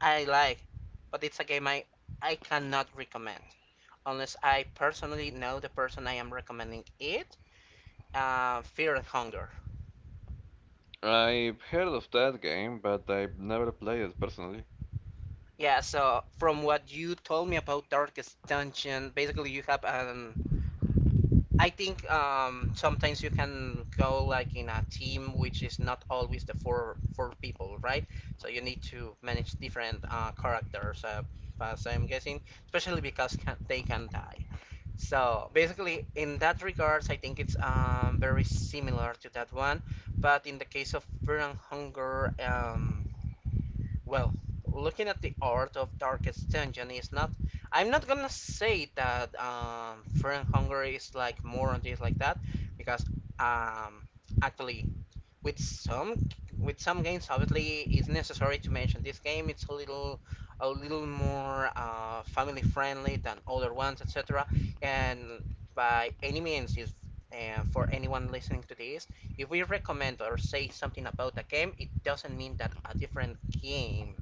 [SPEAKER 1] I like, but it's a game I cannot recommend unless I personally know the person I am recommending it. Fear and Hunger.
[SPEAKER 2] I've heard of that game, but I've never played it personally.
[SPEAKER 1] Yeah, so from what you told me about Darkest Dungeon, basically you have an I think sometimes you can go like in a team which is not always the four people, right? So you need to manage different characters, as I'm guessing, especially because can, they can die. So basically, in that regards, I think it's very similar to that one. But in the case of Burn and Hunger, well, looking at the art of Darkest Dungeon is not. I'm not gonna say that Friend Hungary is like more on this like that, because um, actually with some with some games obviously it's necessary to mention this game it's a little more family friendly than other ones, etc. And by any means is, for anyone listening to this, if we recommend or say something about a game, it doesn't mean that a different game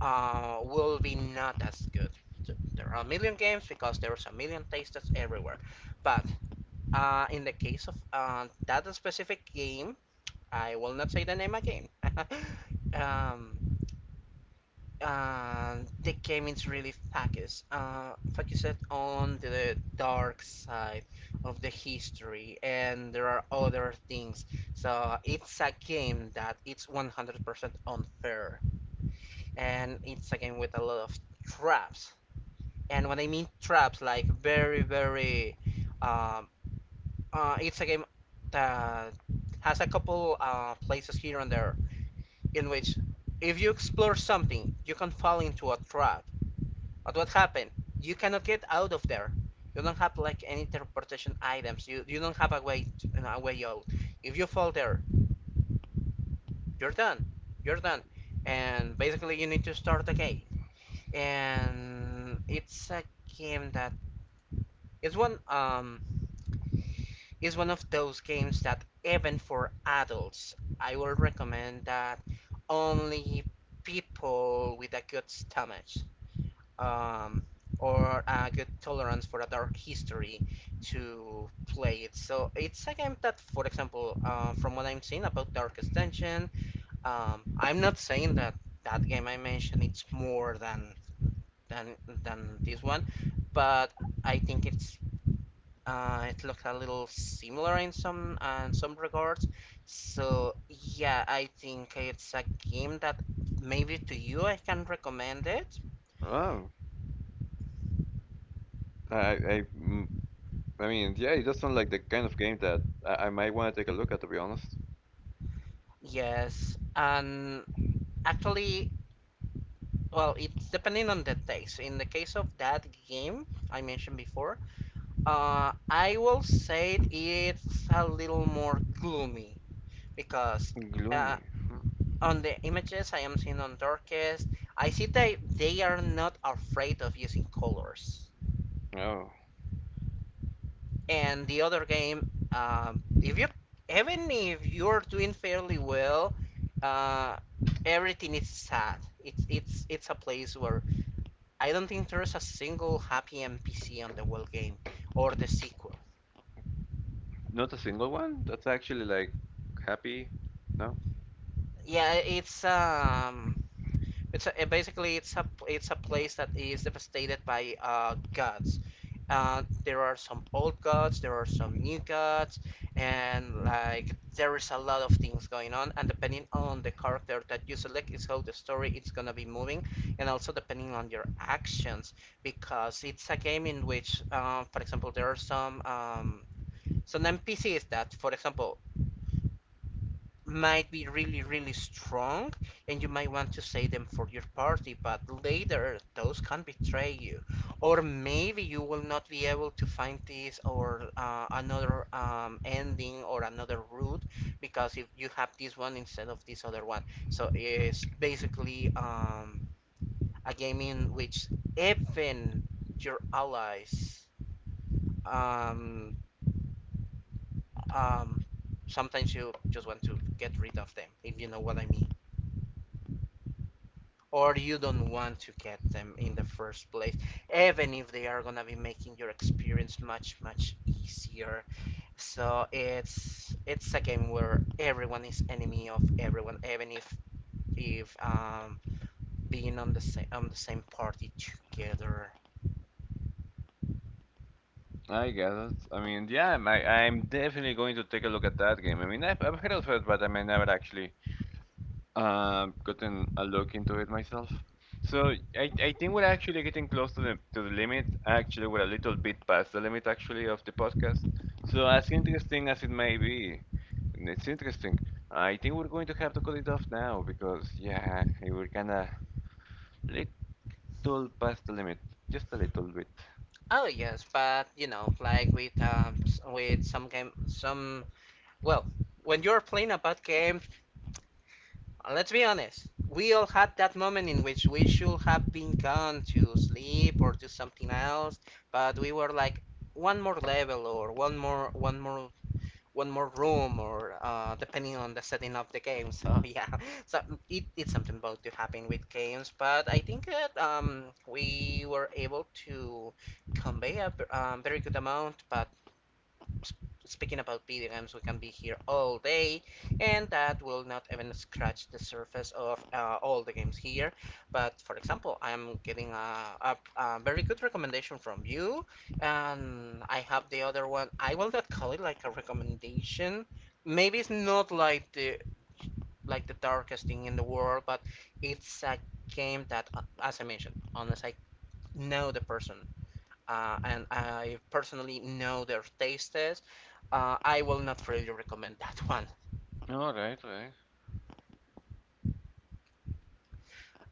[SPEAKER 1] will be not as good. So there are a million games because there's a million tastes everywhere. But in the case of that specific game, I will not say the name again. um, uh, the game is really focused, focused on the dark side of the history, and there are other things. So it's a game that it's 100% unfair, and it's a game with a lot of traps. And when I mean traps, like um, it's a game that has a couple places here and there in which if you explore something, you can fall into a trap. But what happened? You cannot get out of there. You don't have like any teleportation items. You don't have a way to, a way out. If you fall there, you're done. You're done. And basically, you need to start the game. And it's a game that it's one of those games that even for adults, I will recommend that only people with a good stomach, um, or a good tolerance for a dark history to play it. So it's a game that, for example, from what I'm seeing about Dark Extension, I'm not saying that that game I mentioned it's more than than than this one, but I think it's it looks a little similar in some in some regards. So yeah, I think it's a game that maybe to you I can recommend it.
[SPEAKER 2] Oh, I, I, mm, I mean, yeah, it does sound like the kind of game that I might want to take a look at, to be honest.
[SPEAKER 1] Yes, and actually, well, it's depending on the taste. In the case of that game I mentioned before, I will say it's a little more gloomy because uh,
[SPEAKER 2] Gloomy. Hmm.
[SPEAKER 1] on the images I am seeing on Darkest, I see that they are not afraid of using colors.
[SPEAKER 2] Oh,
[SPEAKER 1] And the other game, if you even if you're doing fairly well, uh, everything is sad. It's a place where I don't think there's a single happy NPC on the whole game or the sequel.
[SPEAKER 2] not a single one? That's actually like happy. No.
[SPEAKER 1] Yeah, It's a, it basically it's a place that is devastated by gods. There are some old gods, there are some new gods, and like there is a lot of things going on. And depending on the character that you select, is how the story is gonna be moving, and also depending on your actions, because it's a game in which, for example, there are some NPCs that, for example, might be really, really strong, and you might want to save them for your party, but later those can betray you. Or maybe you will not be able to find this or another ending or another route because if you have this one instead of this other one. So it's basically a game in which even your allies um, um, sometimes you just want to get rid of them if you know what I mean. Or you don't want to get them in the first place, even if they are gonna be making your experience much easier. So it's a game where everyone is enemy of everyone, even if being on the same party together.
[SPEAKER 2] I guess. I mean, yeah, I'm definitely going to take a look at that game. I mean, I've heard of it, but I mean, never actually gotten a look into it myself. So I think we're actually getting close to the limit. Actually, we're a little bit past the limit actually of the podcast. So as interesting as it may be, it's interesting. I think we're going to have to cut it off now because yeah, we're kinda little past the limit, just a little bit.
[SPEAKER 1] Oh yes, but you know, like with s- with some game, some well, when you're playing a bad game, let's be honest. We all had that moment in which we should have been gone to sleep or do something else, but we were like one more level or one more room or depending on the setting of the game. So yeah, so it's something about to happen with games, but I think that we were able to convey a very good amount, but speaking about video games, we can be here all day, and that will not even scratch the surface of all the games here. But for example, I'm getting a very good recommendation from you, and I have the other one. I will not call it like a recommendation. Maybe it's not like the darkest thing in the world, but it's a game that, as I mentioned, unless I know the person and I personally know their tastes, I will not really recommend that one.
[SPEAKER 2] All right, all right.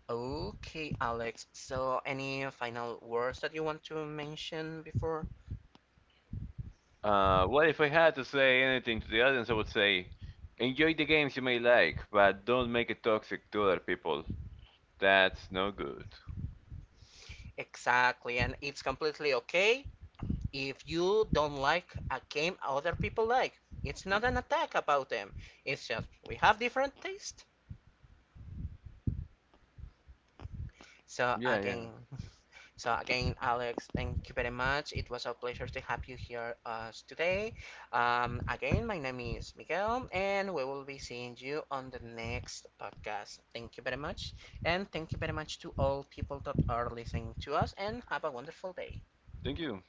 [SPEAKER 1] Okay, Alex. So, any final words that you want to mention before?
[SPEAKER 2] Well, if I had to say anything to the audience, I would say enjoy the games you may like, but don't make it toxic to other people. That's no good.
[SPEAKER 1] Exactly, and it's completely okay if you don't like a game other people like. It's not an attack about them. It's just we have different tastes. So
[SPEAKER 2] Yeah, yeah.
[SPEAKER 1] again, So again, Alex, thank you very much. It was a pleasure to have you here us today. Again, my name is Miguel, and we will be seeing you on the next podcast. Thank you very much, and thank you very much to all people that are listening to us, and have a wonderful day.
[SPEAKER 2] Thank you.